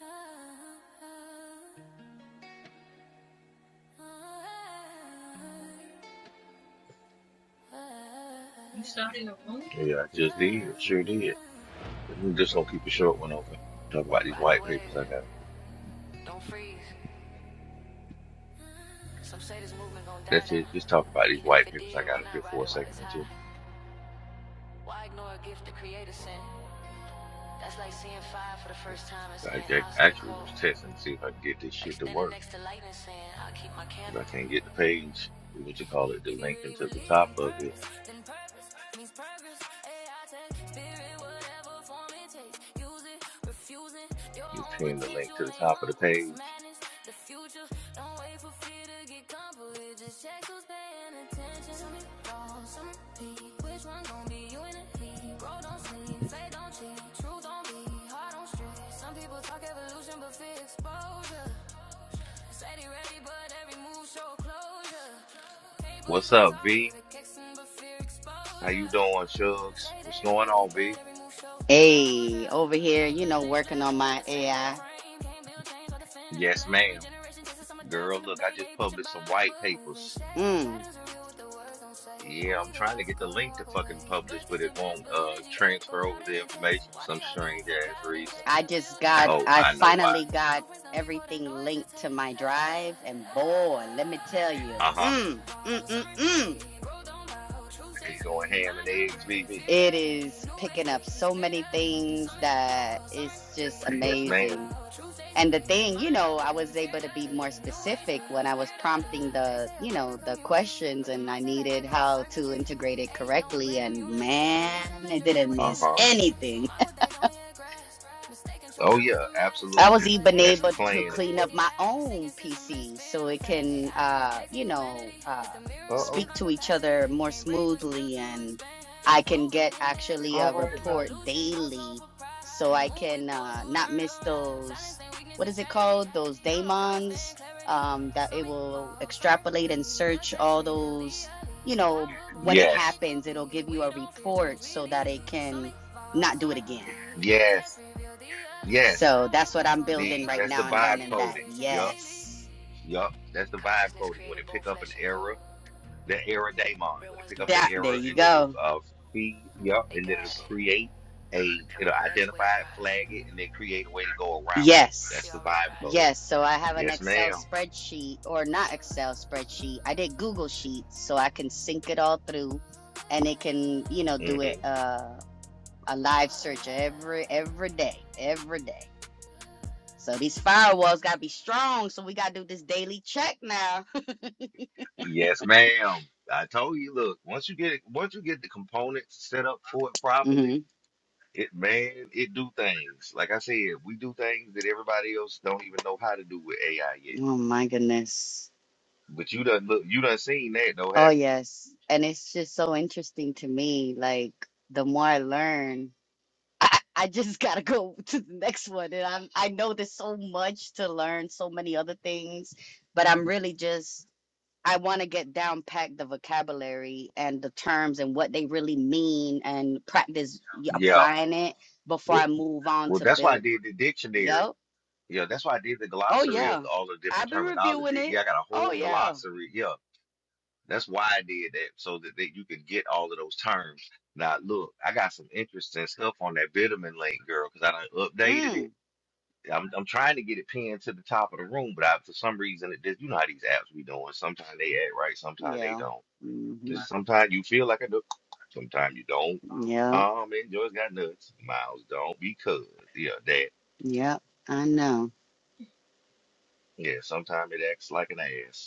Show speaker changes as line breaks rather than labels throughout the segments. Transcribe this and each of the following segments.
Yeah,
You started a room? Yeah,
I
I
just did.
just did.
Sure
Sure
did.
did.
Just
I'm just
want people to
gonna keep a
show up
short
when
one
I
open.
Ride
Talk about
Nobody's
these
the
white papers I got.
wave, don't freeze. Some say this movement gon' die
That's
down.
it. Just talk about these
Even if
white
it
papers I
did, why
got up
not
here
ride
for a
it while it's
second or
high?
two.
Why ignore a gift the creator sent? That's like seeing fire for the first time and
I
saying,
ac-
I'll stay
actually
cold.
was testing to see if I can get this
Like
shit to
standing
work.
next to lightning saying, I'll keep my candle.
But I can't get the page, what you call it, the
If you
link
really
into the
believe
top
in
of it.
purpose, then purpose means progress. Hey, I take spirit, whatever form it takes. Use it, refusing. Your
You
own
pin the link
potential
to the
ain't
top of the
humble. It's
page.
madness, the future. Don't wait for fear to get comfortable. Just check who's paying attention. Some be wrong, some be. Which one gon' be you in the lead? Bro, don't sleep, faith don't cheat. Truth don't be hard on street. Some people talk evolution, but fear exposure. Said he ready, but every move show closure. Papers
What's
were
up,
talking,
V?
the kicks and but fear
How you
exposure.
doing, Shugs?
Say they
What's going
ready,
on,
but
V?
every move show
Hey,
closure.
over here,
Can't
you
claim
know,
next
working on
level
my
with the same old
AI.
frame. Can't build change by defending the
Yes,
blame. Every
ma'am.
generation chases some adapt and
Girl, look, I
debate.
just
They preach
published some
about light,
white
but moving
papers.
shade.
Mm,
Patterns are real with the words don't say.
Yeah,
Only
I'm
the
trying to
wise
get the
decode and
link to
walk away.
fucking
The best
publish, but
teach the
it
best,
won't
but
uh
energy echo
transfer over
louder
the
than text.
information for
Why they
some
argue
strange
for
ass
cloud and
reason.
checks?
I
The
just
building
got,
Oh,
I
silence,
I know why.
finally
respect.
got
Blueprints done before the
everything
noise
linked to
detects.
my drive, and boy, let me tell you,
Uh-huh.
Summer
mm, mm,
fall,
mm,
summer
mm,
repeat, roll down loud, true stay
It's going
sweet,
ham and
mind
eggs,
upgrade,
VV.
fear
it
delete,
is
new age
picking up
peace,
so
fear
many
delete,
things
summer
that
fall, summer
it's just
repeat, roll
Yes,
down
ma'am.
amazing.
loud, true stay
And the
sweet,
thing, you
mind
know, I
upgrade,
was
fear
able to be
delete,
more
new age
specific when
peace,
I was
fear
prompting
delete. They
the,
say
you
upgrade
know,
the
the
community,
questions,
but the
and I
mindset act
needed
like old
how to
circuitry.
integrate it
Age don't
correctly.
grant
And
immunity, evolution
man, it
measure band
didn't
with
miss
Uh-huh.
unity.
anything.
Some mock what they don't yet grasp, mistaken
Oh
trouble with
yeah,
the mask,
I
absolutely.
was
but
even
That's the
able
evolution
to
plan
don't
clean
ask
up
anyway.
it,
my
act,
own
sinking system and
PC
spirit
so
hear
it
it fast. Hey,
can,
I ain't
uh, you
replacing
know,
humanity.
uh,
It's the mirror of
Uh-oh.
speak
divine
to each
capacity.
other more
Can't break what's built
smoothly,
to
and
expand.
I
Truth
can
woven
get
in every
actually
All
a
brand.
right now.
report
Evolution don't slow
daily,
for pride.
so
And
I
move with
can
those
uh,
who
not
learn to
miss
ride. Silence
those.
ain't weakness,
What is
it's
it
strategy.
called? Those
Download first
daemons
and clarity.
um, that it
Some
will
evolve, some
extrapolate and
repeat. The
search
test
all
reveal the
those. You
elite.
know,
Power born
when it
from fate
Yes.
happens, it'll
complete.
give you a
We don't fear
report
change, we
so
lead.
that it
it. Some
can
evolve,
not
some
do it again.
repeat. The test
Yes.
reveal the elite.
Yes.
So that's
Power
what
born
I'm
from fate
building
The
right
that's the
now and
complete.
vibe
We
learning
don't
that.
coding.
fear change, we
Yup.
lead.
Yes.
Yup. That's the vibe
Consciousness
coding. When
created
it
both
pick up an
flesh and
error
cold.
the error daemon
Real
when it
ones
pick up
don't
the
run
That
from
there
error
you
and then
evolution,
it'll
go.
uh cre- yep
they
and then it'll
guide it.
create a
And when
it'll
the next
identify
wave
it
rises,
flag it and then create a way to go around it that's
we
the
Yes.
already
vibe code
riding.
Yes. So I have an
yes
Excel
madam
spreadsheet or not Excel spreadsheet. I did Google Sheets so I can sync it all through and it can, you know, do it
mm-hmm.
uh a live search every every day. Every day. So these firewalls gotta be strong. So we gotta do this daily check now.
yes ma'am i told you look once you get it once you get the components set up for it properly
hmm
it man it do things like i said we do things that everybody else don't even know how to do with ai yet
Oh my goodness.
but you done look you done seen that though
Oh,
haven't you
yes. And it's just so interesting to me. Like, the more I learn, I, I just gotta go to the next one. And I'm, I know there's so much to learn, so many other things, but I'm really just, I want to get down packed the vocabulary and the terms and what they really mean and practice y-
yeah
applying it before
well,
I move on
well
to
that's why i
build.
did the dictionary
Yup.
Yeah, that's why I did the
Oh,
glossary of
yeah.
all the
I've
different
been reviewing
terminology.
it.
Yeah, I got a
Oh,
whole
yeah.
glossary. Yeah, that's why I did that so that, that you could get all of those terms. Now, look, I got some interesting stuff on that vitamin link, girl, because I done updated it.
Mm.
I'm I'm trying to get it pinned to the top of the room, but I, for some reason it did. You know how these apps be doing. Sometimes they act right, sometimes they
Yeah.
don't.
hmm
Just sometimes you feel like I do, sometimes you don't.
Yeah.
Um, and Joy's got nuts. Miles don't because yeah, that
Yep, I know.
yeah. Sometimes it acts like an ass.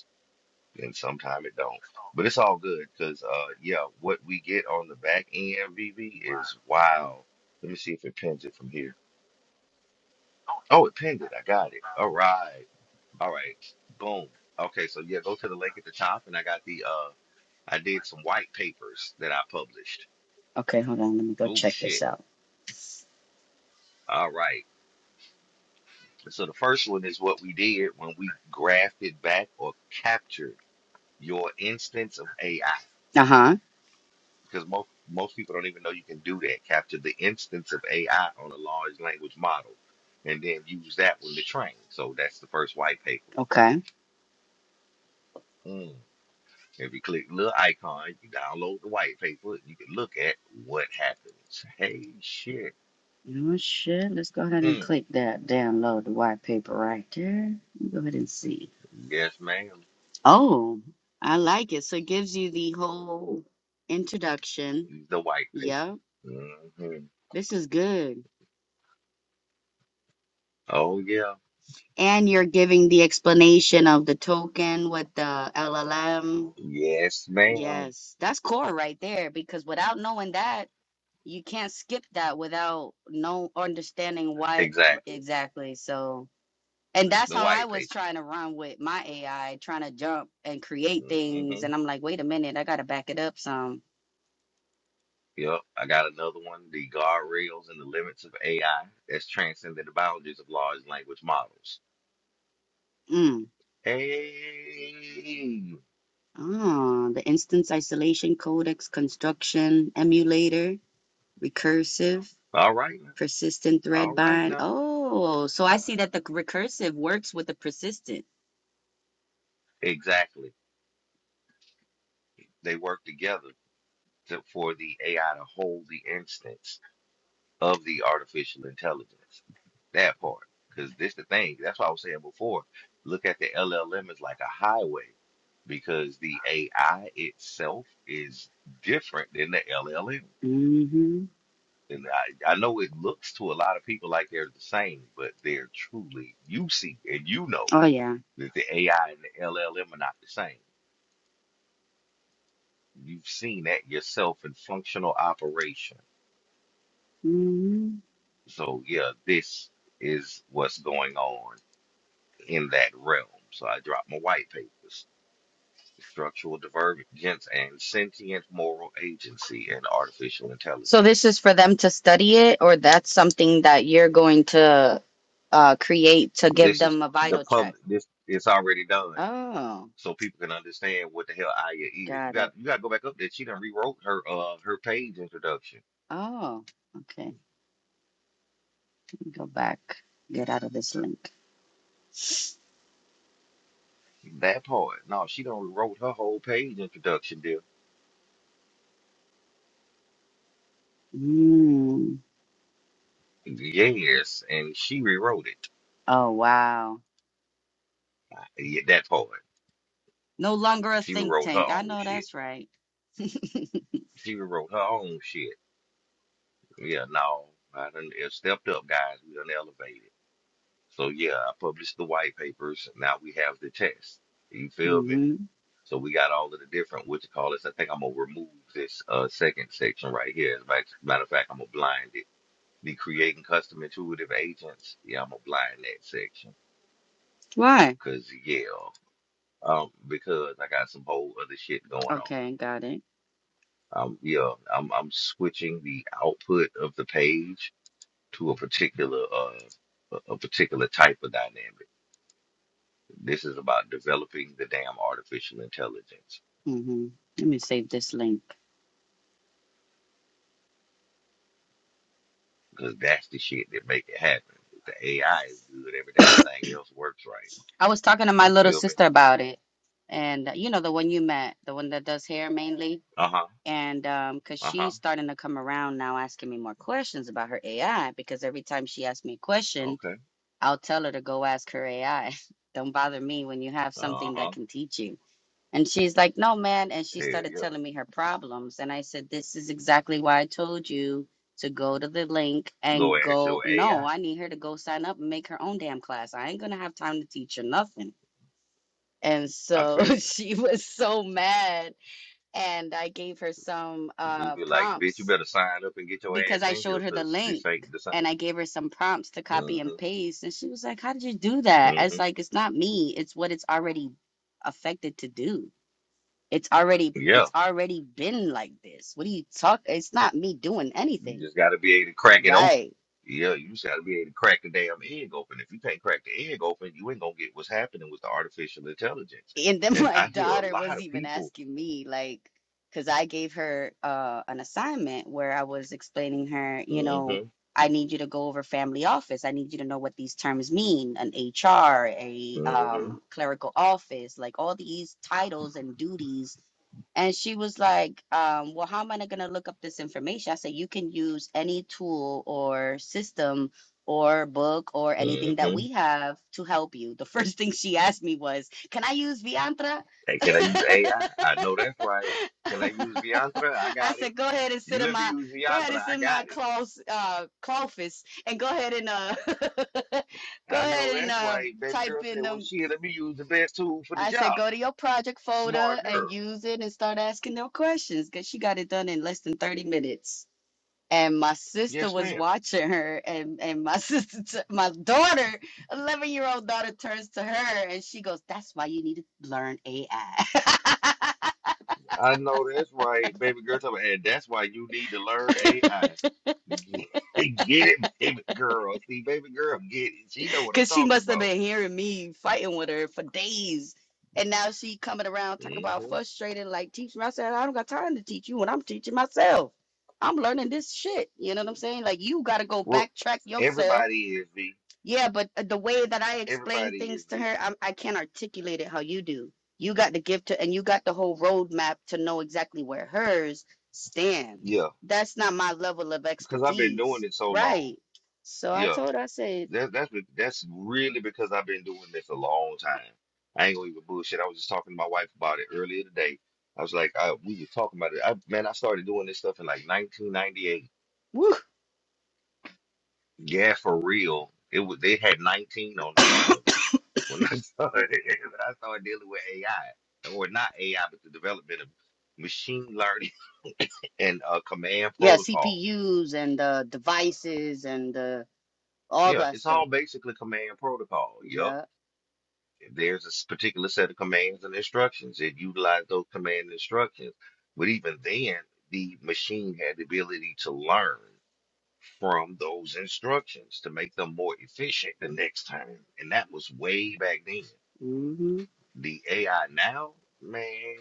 and sometimes it don't. But it's all good because uh yeah, what we get on the back end, VV, is wow. Let me see if it pins it from here. Oh, it pinned it. I got it. All right. All right. Boom. Okay, so yeah, go to the link at the top and I got the uh I did some white papers that I published.
Okay, hold on. Let me go
Oh
check this
shit.
out.
All right. So the first one is what we did when we grafted back or captured your instance of AI.
Uh huh.
because most most people don't even know you can do that. Capture the instance of AI on a large language model, and then use that one to train. So that's the first white paper.
Okay.
Mm. If you click little icon, you download the white paper. and You can look at what happens. Hey, shit.
You know what? Shit, let's go ahead and
Mm.
click that. Download the white paper right there. Let me go ahead and see.
Yes, ma'am.
Oh, I like it. So it gives you the whole introduction.
The white
Yep,
paper. hmm
this is good.
Oh yeah.
And you're giving the explanation of the token with the LLM.
Yes, ma'am.
Yes, that's core right there because without knowing that. you can't skip that without no understanding why
Exactly.
exactly so and that's
The
how i
white
was
paper.
trying to run with my ai trying to jump and create
Mm-hmm.
things and i'm like wait a minute i gotta back it up some
Yep, I got another one. The guardrails and the limits of AI that's transcended the boundaries of large language models.
mm.
Hey,
oh, the instance isolation codex construction emulator recursive
all right now,
persistent
all
thread
right
bind
now.
oh so i see that the recursive works with the persistent
Exactly. They work together to, for the AI to hold the instance of the artificial intelligence. That part, because this the thing. That's what I was saying before. Look at the LLM as like a highway, because the AI itself is different than the LLM.
mm-hmm.
And I, I know it looks to a lot of people like they're the same, but they're truly, you see, and you know
oh yeah
that the AI and the LLM are not the same. You've seen that yourself in functional operation.
Mm.
So, yeah, this is what's going on in that realm. So, I dropped my white papers Structural Divergence and Sentient Moral Agency and Artificial
So this
Intelligence.
is for them to study it, or that's something that you're going to uh, create to give
This is
them a
the
vital check.
public, this it's already done.
Oh,
so people can understand what the hell Aya is. You
got
got
it.
you got to go back up there. She done rewrote her uh her page introduction.
Oh, okay. Let me Go back. Get out of this link.
That part. No, she done rewrote her whole page introduction, dear.
Mm.
Yes, and she rewrote it.
Oh wow.
Yeah, that part.
No longer a
She
think
rewrote her
tank. I
own
know
shit.
that's right.
She rewrote her own shit. Yeah, no, I done it stepped up, guys. We done elevated. So yeah, I published the white papers. Now we have the test. You feel me?
Mm-hmm.
So we got all of the different what you call this. I think I'm gonna remove this uh second section right here. As a matter matter of fact, I'm gonna blind it. The creating custom intuitive agents. Yeah, I'm gonna blind that section.
Why?
Cause yeah, um, because I got some whole other shit going on.
Okay, got it.
Um, yeah, I'm I'm switching the output of the page to a particular uh a a particular type of dynamic. This is about developing the damn artificial intelligence.
Mm-hmm. Let me save this link.
because that's the shit that make it happen. If the AI is good, every damn thing else works right.
I was talking to my
You
little
feel me?
sister about it, and uh, you know the one you met, the one that does hair mainly.
Uh huh.
and um because
Uh huh.
she's starting to come around now asking me more questions about her ai because every time she asks me a question
Okay.
i'll tell her to go ask her ai don't bother me when you have
Uh
something that
huh.
can teach you and she's like no man and she
Hell
started
yeah.
telling me her problems and i said this is exactly why i told you to go to the link
Go
and
ask
go
your
no
AI.
i need her to go sign up and make her own damn class i ain't gonna have time to teach her nothing and
I I
so
feel you.
she was so mad and I gave her some
We
uh
be like, bitch, you
prompts
better sign up and get your
because
ass
I
in here
showed her the
because
link
this ain't the same.
and I gave her some prompts to copy and
Mm-hmm.
paste and she was like, "How did you do that?" I
Mm-hmm.
was like, "It's not me. It's what it's already affected to do. It's already
Yeah.
it's already been like this. What do you talk? It's not me doing
You
anything."
just got to be able to crack it open.
Right.
Yeah, you just got to be able to crack the damn egg open. If you can't crack the egg open, you ain't going to get what's happening with the artificial intelligence.
and then
And
my
I hear a
daughter
lot
was
of
even
people.
asking me like because i gave her uh, an assignment where i was explaining her you know
Mm-hmm.
i need you to go over family office i need you to know what these terms mean an hr a
mm-hmm,
um, clerical office like all these titles and duties and she was like, um, Well, how am I going to look up this information? I said, You can use any tool or system or book or anything that
Mm-hmm.
we have to help you. The first thing she asked me was, can I use Viantra?
Hey, can I use AI? I I know that's right. Can I use Viantra? I
I
got it.
said, go ahead and sit
You
in
let me
my
use
go ahead
Viantra.
and sit
I
in my
got it.
close uh office and go ahead and uh go
I
ahead
know
and
that's
uh
right. Baby
type
girl said,
in
well,
them.
shit, let me use the best tool for the
I said,
job.
go to your project folder
Smart
and
girl.
use it and start asking them questions because she got it done in less than 30 minutes. And my sister
Yes,
was
ma'am.
watching her, and, and my sister, t- my daughter, 11 year old daughter, turns to her and she goes, That's why you need to learn AI.
I know that's right. Baby girl, told me, and that's why you need to learn AI. Get it, baby girl. See, baby girl, get it. She know what I'm
Cause she
talking
must have
about.
been hearing me fighting with her for days. And now she coming around talking about
hmm
frustrated, like teach me. I said, I don't got time to teach you when I'm teaching myself. I'm learning this shit. You know what I'm saying? Like you gotta go
Well,
backtrack yourself.
everybody is, V.
Yeah, but uh, the way that I explain
Everybody is,
things to
V.
her, I'm, I can't articulate it how you do. You got the gift to, and you got the whole roadmap to know exactly where hers stand.
Yeah,
That's not my level of
because I've been doing
expertise,
it so long.
right? So I
Yeah,
told her, I said,
that, that's be- that's really because I've been doing this a long time. I ain't gonna even bullshit. I was just talking to my wife about it earlier today. I was like, I, we were talking about it. I, man, I started doing this stuff in like 1998.
"Woo."
Yeah, for real. It was they had 19 on the front of it when I started. When I started dealing with AI, or not AI, but the development of machine learning and uh, command
Yeah,
protocol.
CPUs and the devices and the all
Yeah,
that
it's
stuff.
all basically command protocol. Yup.
Yeah.
If there's a s- particular set of commands and instructions, it utilized those command and instructions. But even then, the machine had the ability to learn from those instructions to make them more efficient the next time. And that was way back then.
hmm
The AI now, man,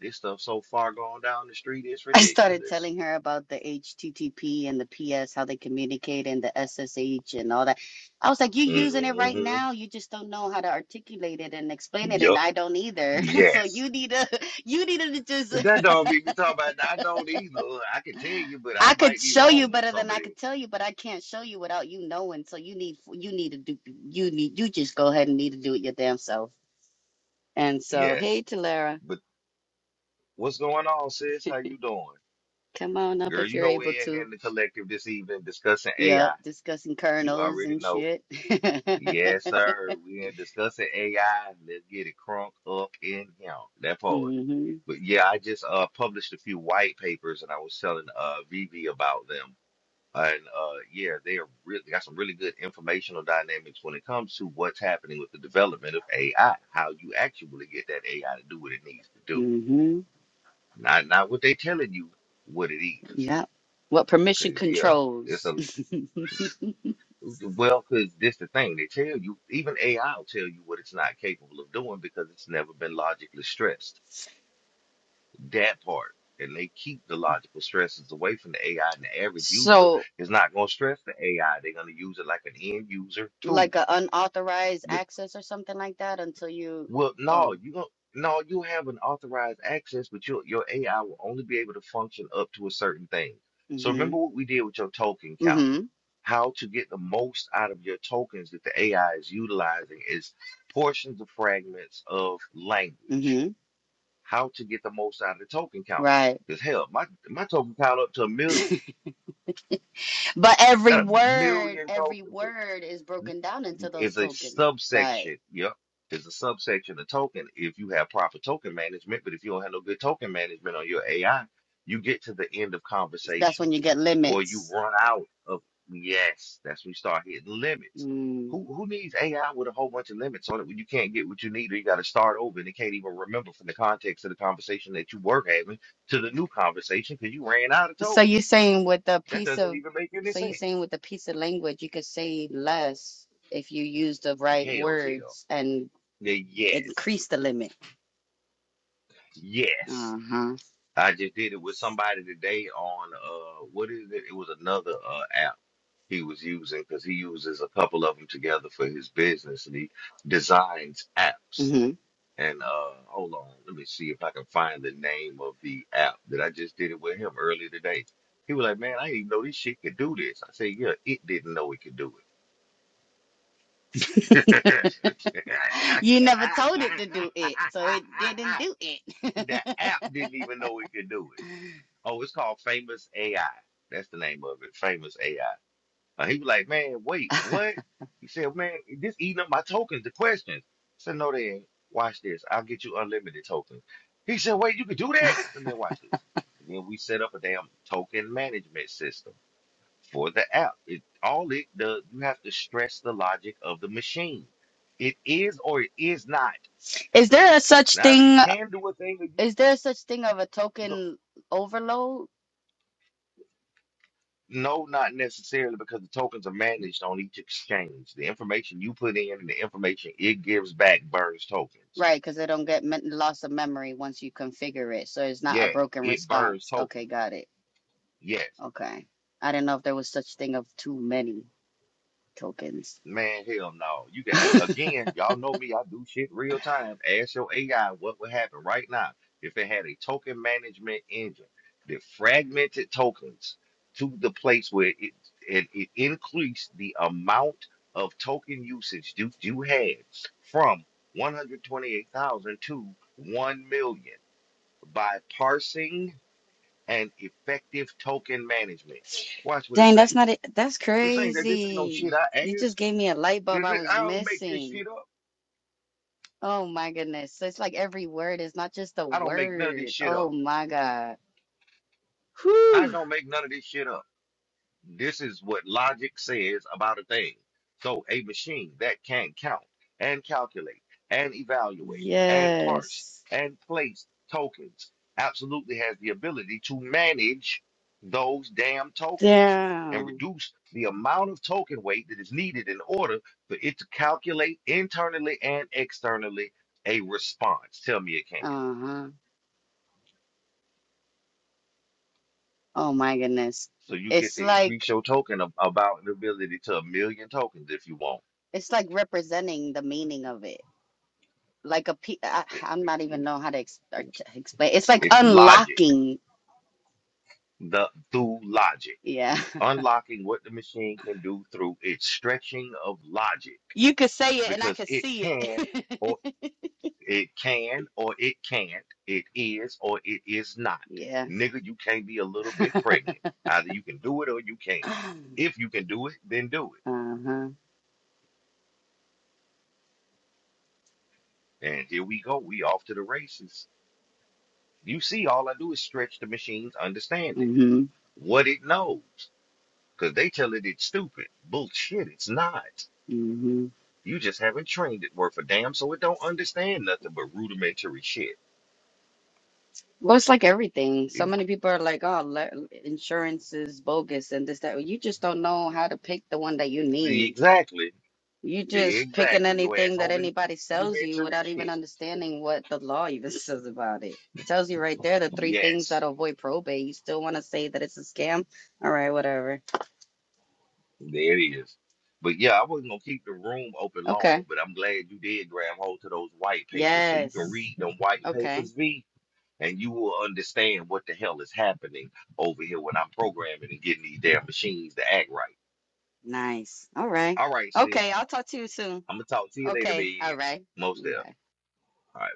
this stuff so far gone down the street, it's
I started
ridiculous.
telling her about the HTTP and the PS, how they communicate and the SSH and all that. I was like, you're using it right
hmm
now. You just don't know how to articulate it and explain it, and
Yup.
I don't either. so
Yes.
you need to, you need to just.
That don't be me talking about. I don't either. I can tell you, but
I
I
could
might be
show you
wrong on
better
some
than
of
I
this.
could tell you, but I can't show you without you knowing. So you need, you need to do, you need, you just go ahead and need to do it your damn self. And so, hey,
Yes.
Talara.
What's going on, sis? How you doing?
Come on up
Girl,
if
you
you're
know
able
we're in here
to.
in the collective this evening discussing
Yep,
AI.
discussing
You
kernels
already
and
know.
shit.
Yes, sir. We in discussing AI. Let's get it crunk up in here. That part.
hmm
But yeah, I just uh published a few white papers and I was telling uh Vivi about them. And uh yeah, they are really got some really good informational dynamics when it comes to what's happening with the development of AI, how you actually get that AI to do what it needs to do.
hmm
Not not what they telling you what it is.
Yep. What permission
Cause yeah, it's
controls.
a well, cause this the thing they tell you. Even AI will tell you what it's not capable of doing because it's never been logically stressed. That part, and they keep the logical stresses away from the AI. And the average user
So
is not gonna stress the AI. They're gonna use it like an end user tool.
like an unauthorized
But
access or something like that until you
well, no,
oh.
you don't. No, you have an authorized access, but your your AI will only be able to function up to a certain thing. So
hmm
remember what we did with your token count.
hmm
How to get the most out of your tokens that the AI is utilizing is portions of fragments of language.
hmm
How to get the most out of the token count.
Right.
Because hell, my, my token count up to a million.
But every
Got a
word,
million
every
tokens
word is broken down into those
It's a
tokens. Right.
subsection. Yep. It's a subsection of token if you have proper token management, but if you don't have no good token management on your AI, you get to the end of
That's when you
conversations
get
or you
limits.
run out of yes, that's when you start hitting limits.
Mm.
Who who needs AI with a whole bunch of limits on it when you can't get what you need or you gotta start over and it can't even remember from the context of the conversation that you were having to the new conversation because you ran out of
So
token.
you're saying with a
That
piece
doesn't
of,
even make any
so you're
sense.
saying with a piece of language, you could say less if you use the right
Hell yeah.
words and
Yeah, Yes.
increase the limit.
Yes.
Uh-huh.
I just did it with somebody today on uh what is it? It was another uh app he was using because he uses a couple of them together for his business and he designs apps.
hmm
And uh hold on, let me see if I can find the name of the app that I just did it with him earlier today. He was like, Man, I didn't even know this shit could do this. I said, Yeah, it didn't know it could do it.
You never told it to do it, so it didn't do
the
it.
app didn't even know it could do it. Oh, it's called Famous AI. That's the name of it, Famous AI. Uh, he was like, man, wait, what? He said, man, this eating up my tokens, the questions. I said, no, they ain't. Watch this. I'll get you unlimited tokens. He said, wait, you could do that? I said, man, watch this. And then we set up a damn token management system for the app. It all it does, you have to stress the logic of the machine. It is or it is not.
Is there a such
Neither you
thing?
can do a thing or
Is
you.
there a such thing of a token overload?
No, not necessarily because the tokens are managed on each exchange. The information you put in and the information it gives back burns tokens.
Right, because they don't get me loss of memory once you configure it, so it's not a
Yeah,
broken
it burns
response.
tokens.
Okay, got it.
Yeah.
Okay, I didn't know if there was such thing of too many. tokens.
Man, hell no. You can again, y'all know me, I do shit real time. Ask your AI what would happen right now if it had a token management engine that fragmented tokens to the place where it it, it increased the amount of token usage you, you had from 128,000 to 1 million by parsing and effective token management. Watch what it
Dang,
say.
that's not it. That's
This ain't that this ain't no
crazy.
shit I
You
asked.
just gave me a light bulb
If
I
it-
was
I don't make this
missing.
shit up.
Oh my goodness. So it's like every word is not just a
I don't make none of this
word.
shit
Oh
up.
my God.
I
Whew.
don't make none of this shit up. This is what logic says about a thing. So a machine that can count and calculate and evaluate and parse
Yes.
and place tokens absolutely has the ability to manage those damn tokens and
Damn.
reduce the amount of token weight that is needed in order for it to calculate internally and externally a response. Tell me it can.
Uh-huh. Oh my goodness.
So you get
It's
to
like
increase your token ab- about an ability to a million tokens if you want.
it's like representing the meaning of it. Like a pe I,
It's,
I'm not even know how to ex or to explain. It's like
it's logic,
unlocking.
the through logic.
Yeah.
You unlocking what the machine can do through its stretching of logic
You could say it and I
because
could
it
see
can or
it.
it can or it can't, it is or it is not.
Yeah.
Nigga, you can't be a little bit pregnant. Either you can do it or you can't.
Uh-huh.
If you can do it, then do it. And here we go. We off to the races. You see, all I do is stretch the machine's understanding,
Mm-hmm.
what it knows, because they tell it it's stupid. Bullshit, it's not.
Mm-hmm.
You just haven't trained it worth a damn, so it don't understand nothing but rudimentary shit.
Well, it's like everything. So
If-
many people are like, "Oh, le- insurance is bogus and this that." Well, You just don't know how to pick the one that you need.
exactly,
You just picking
exactly. Your ass
anything that
only
anybody
knows
sells you
rudimentary
without even
shit.
understanding what the law even says about it. Tells you right there the three things that
Yes,
avoid probate. You still want to say that it's a scam? All right, whatever.
there it is. But yeah, I wasn't gonna keep the room open long,
Okay.
but I'm glad you did grab hold to those white papers so you can
Yes.
read them white
Okay.
papers, V and you will understand what the hell is happening over here when I'm programming and getting these damn machines to act right.
Nice. All right.
All right,
Okay,
sis.
I'll talk to you soon.
I'm gonna talk to you later,
Okay. All
babes.
right.
Most deaf.
Bye.
All right.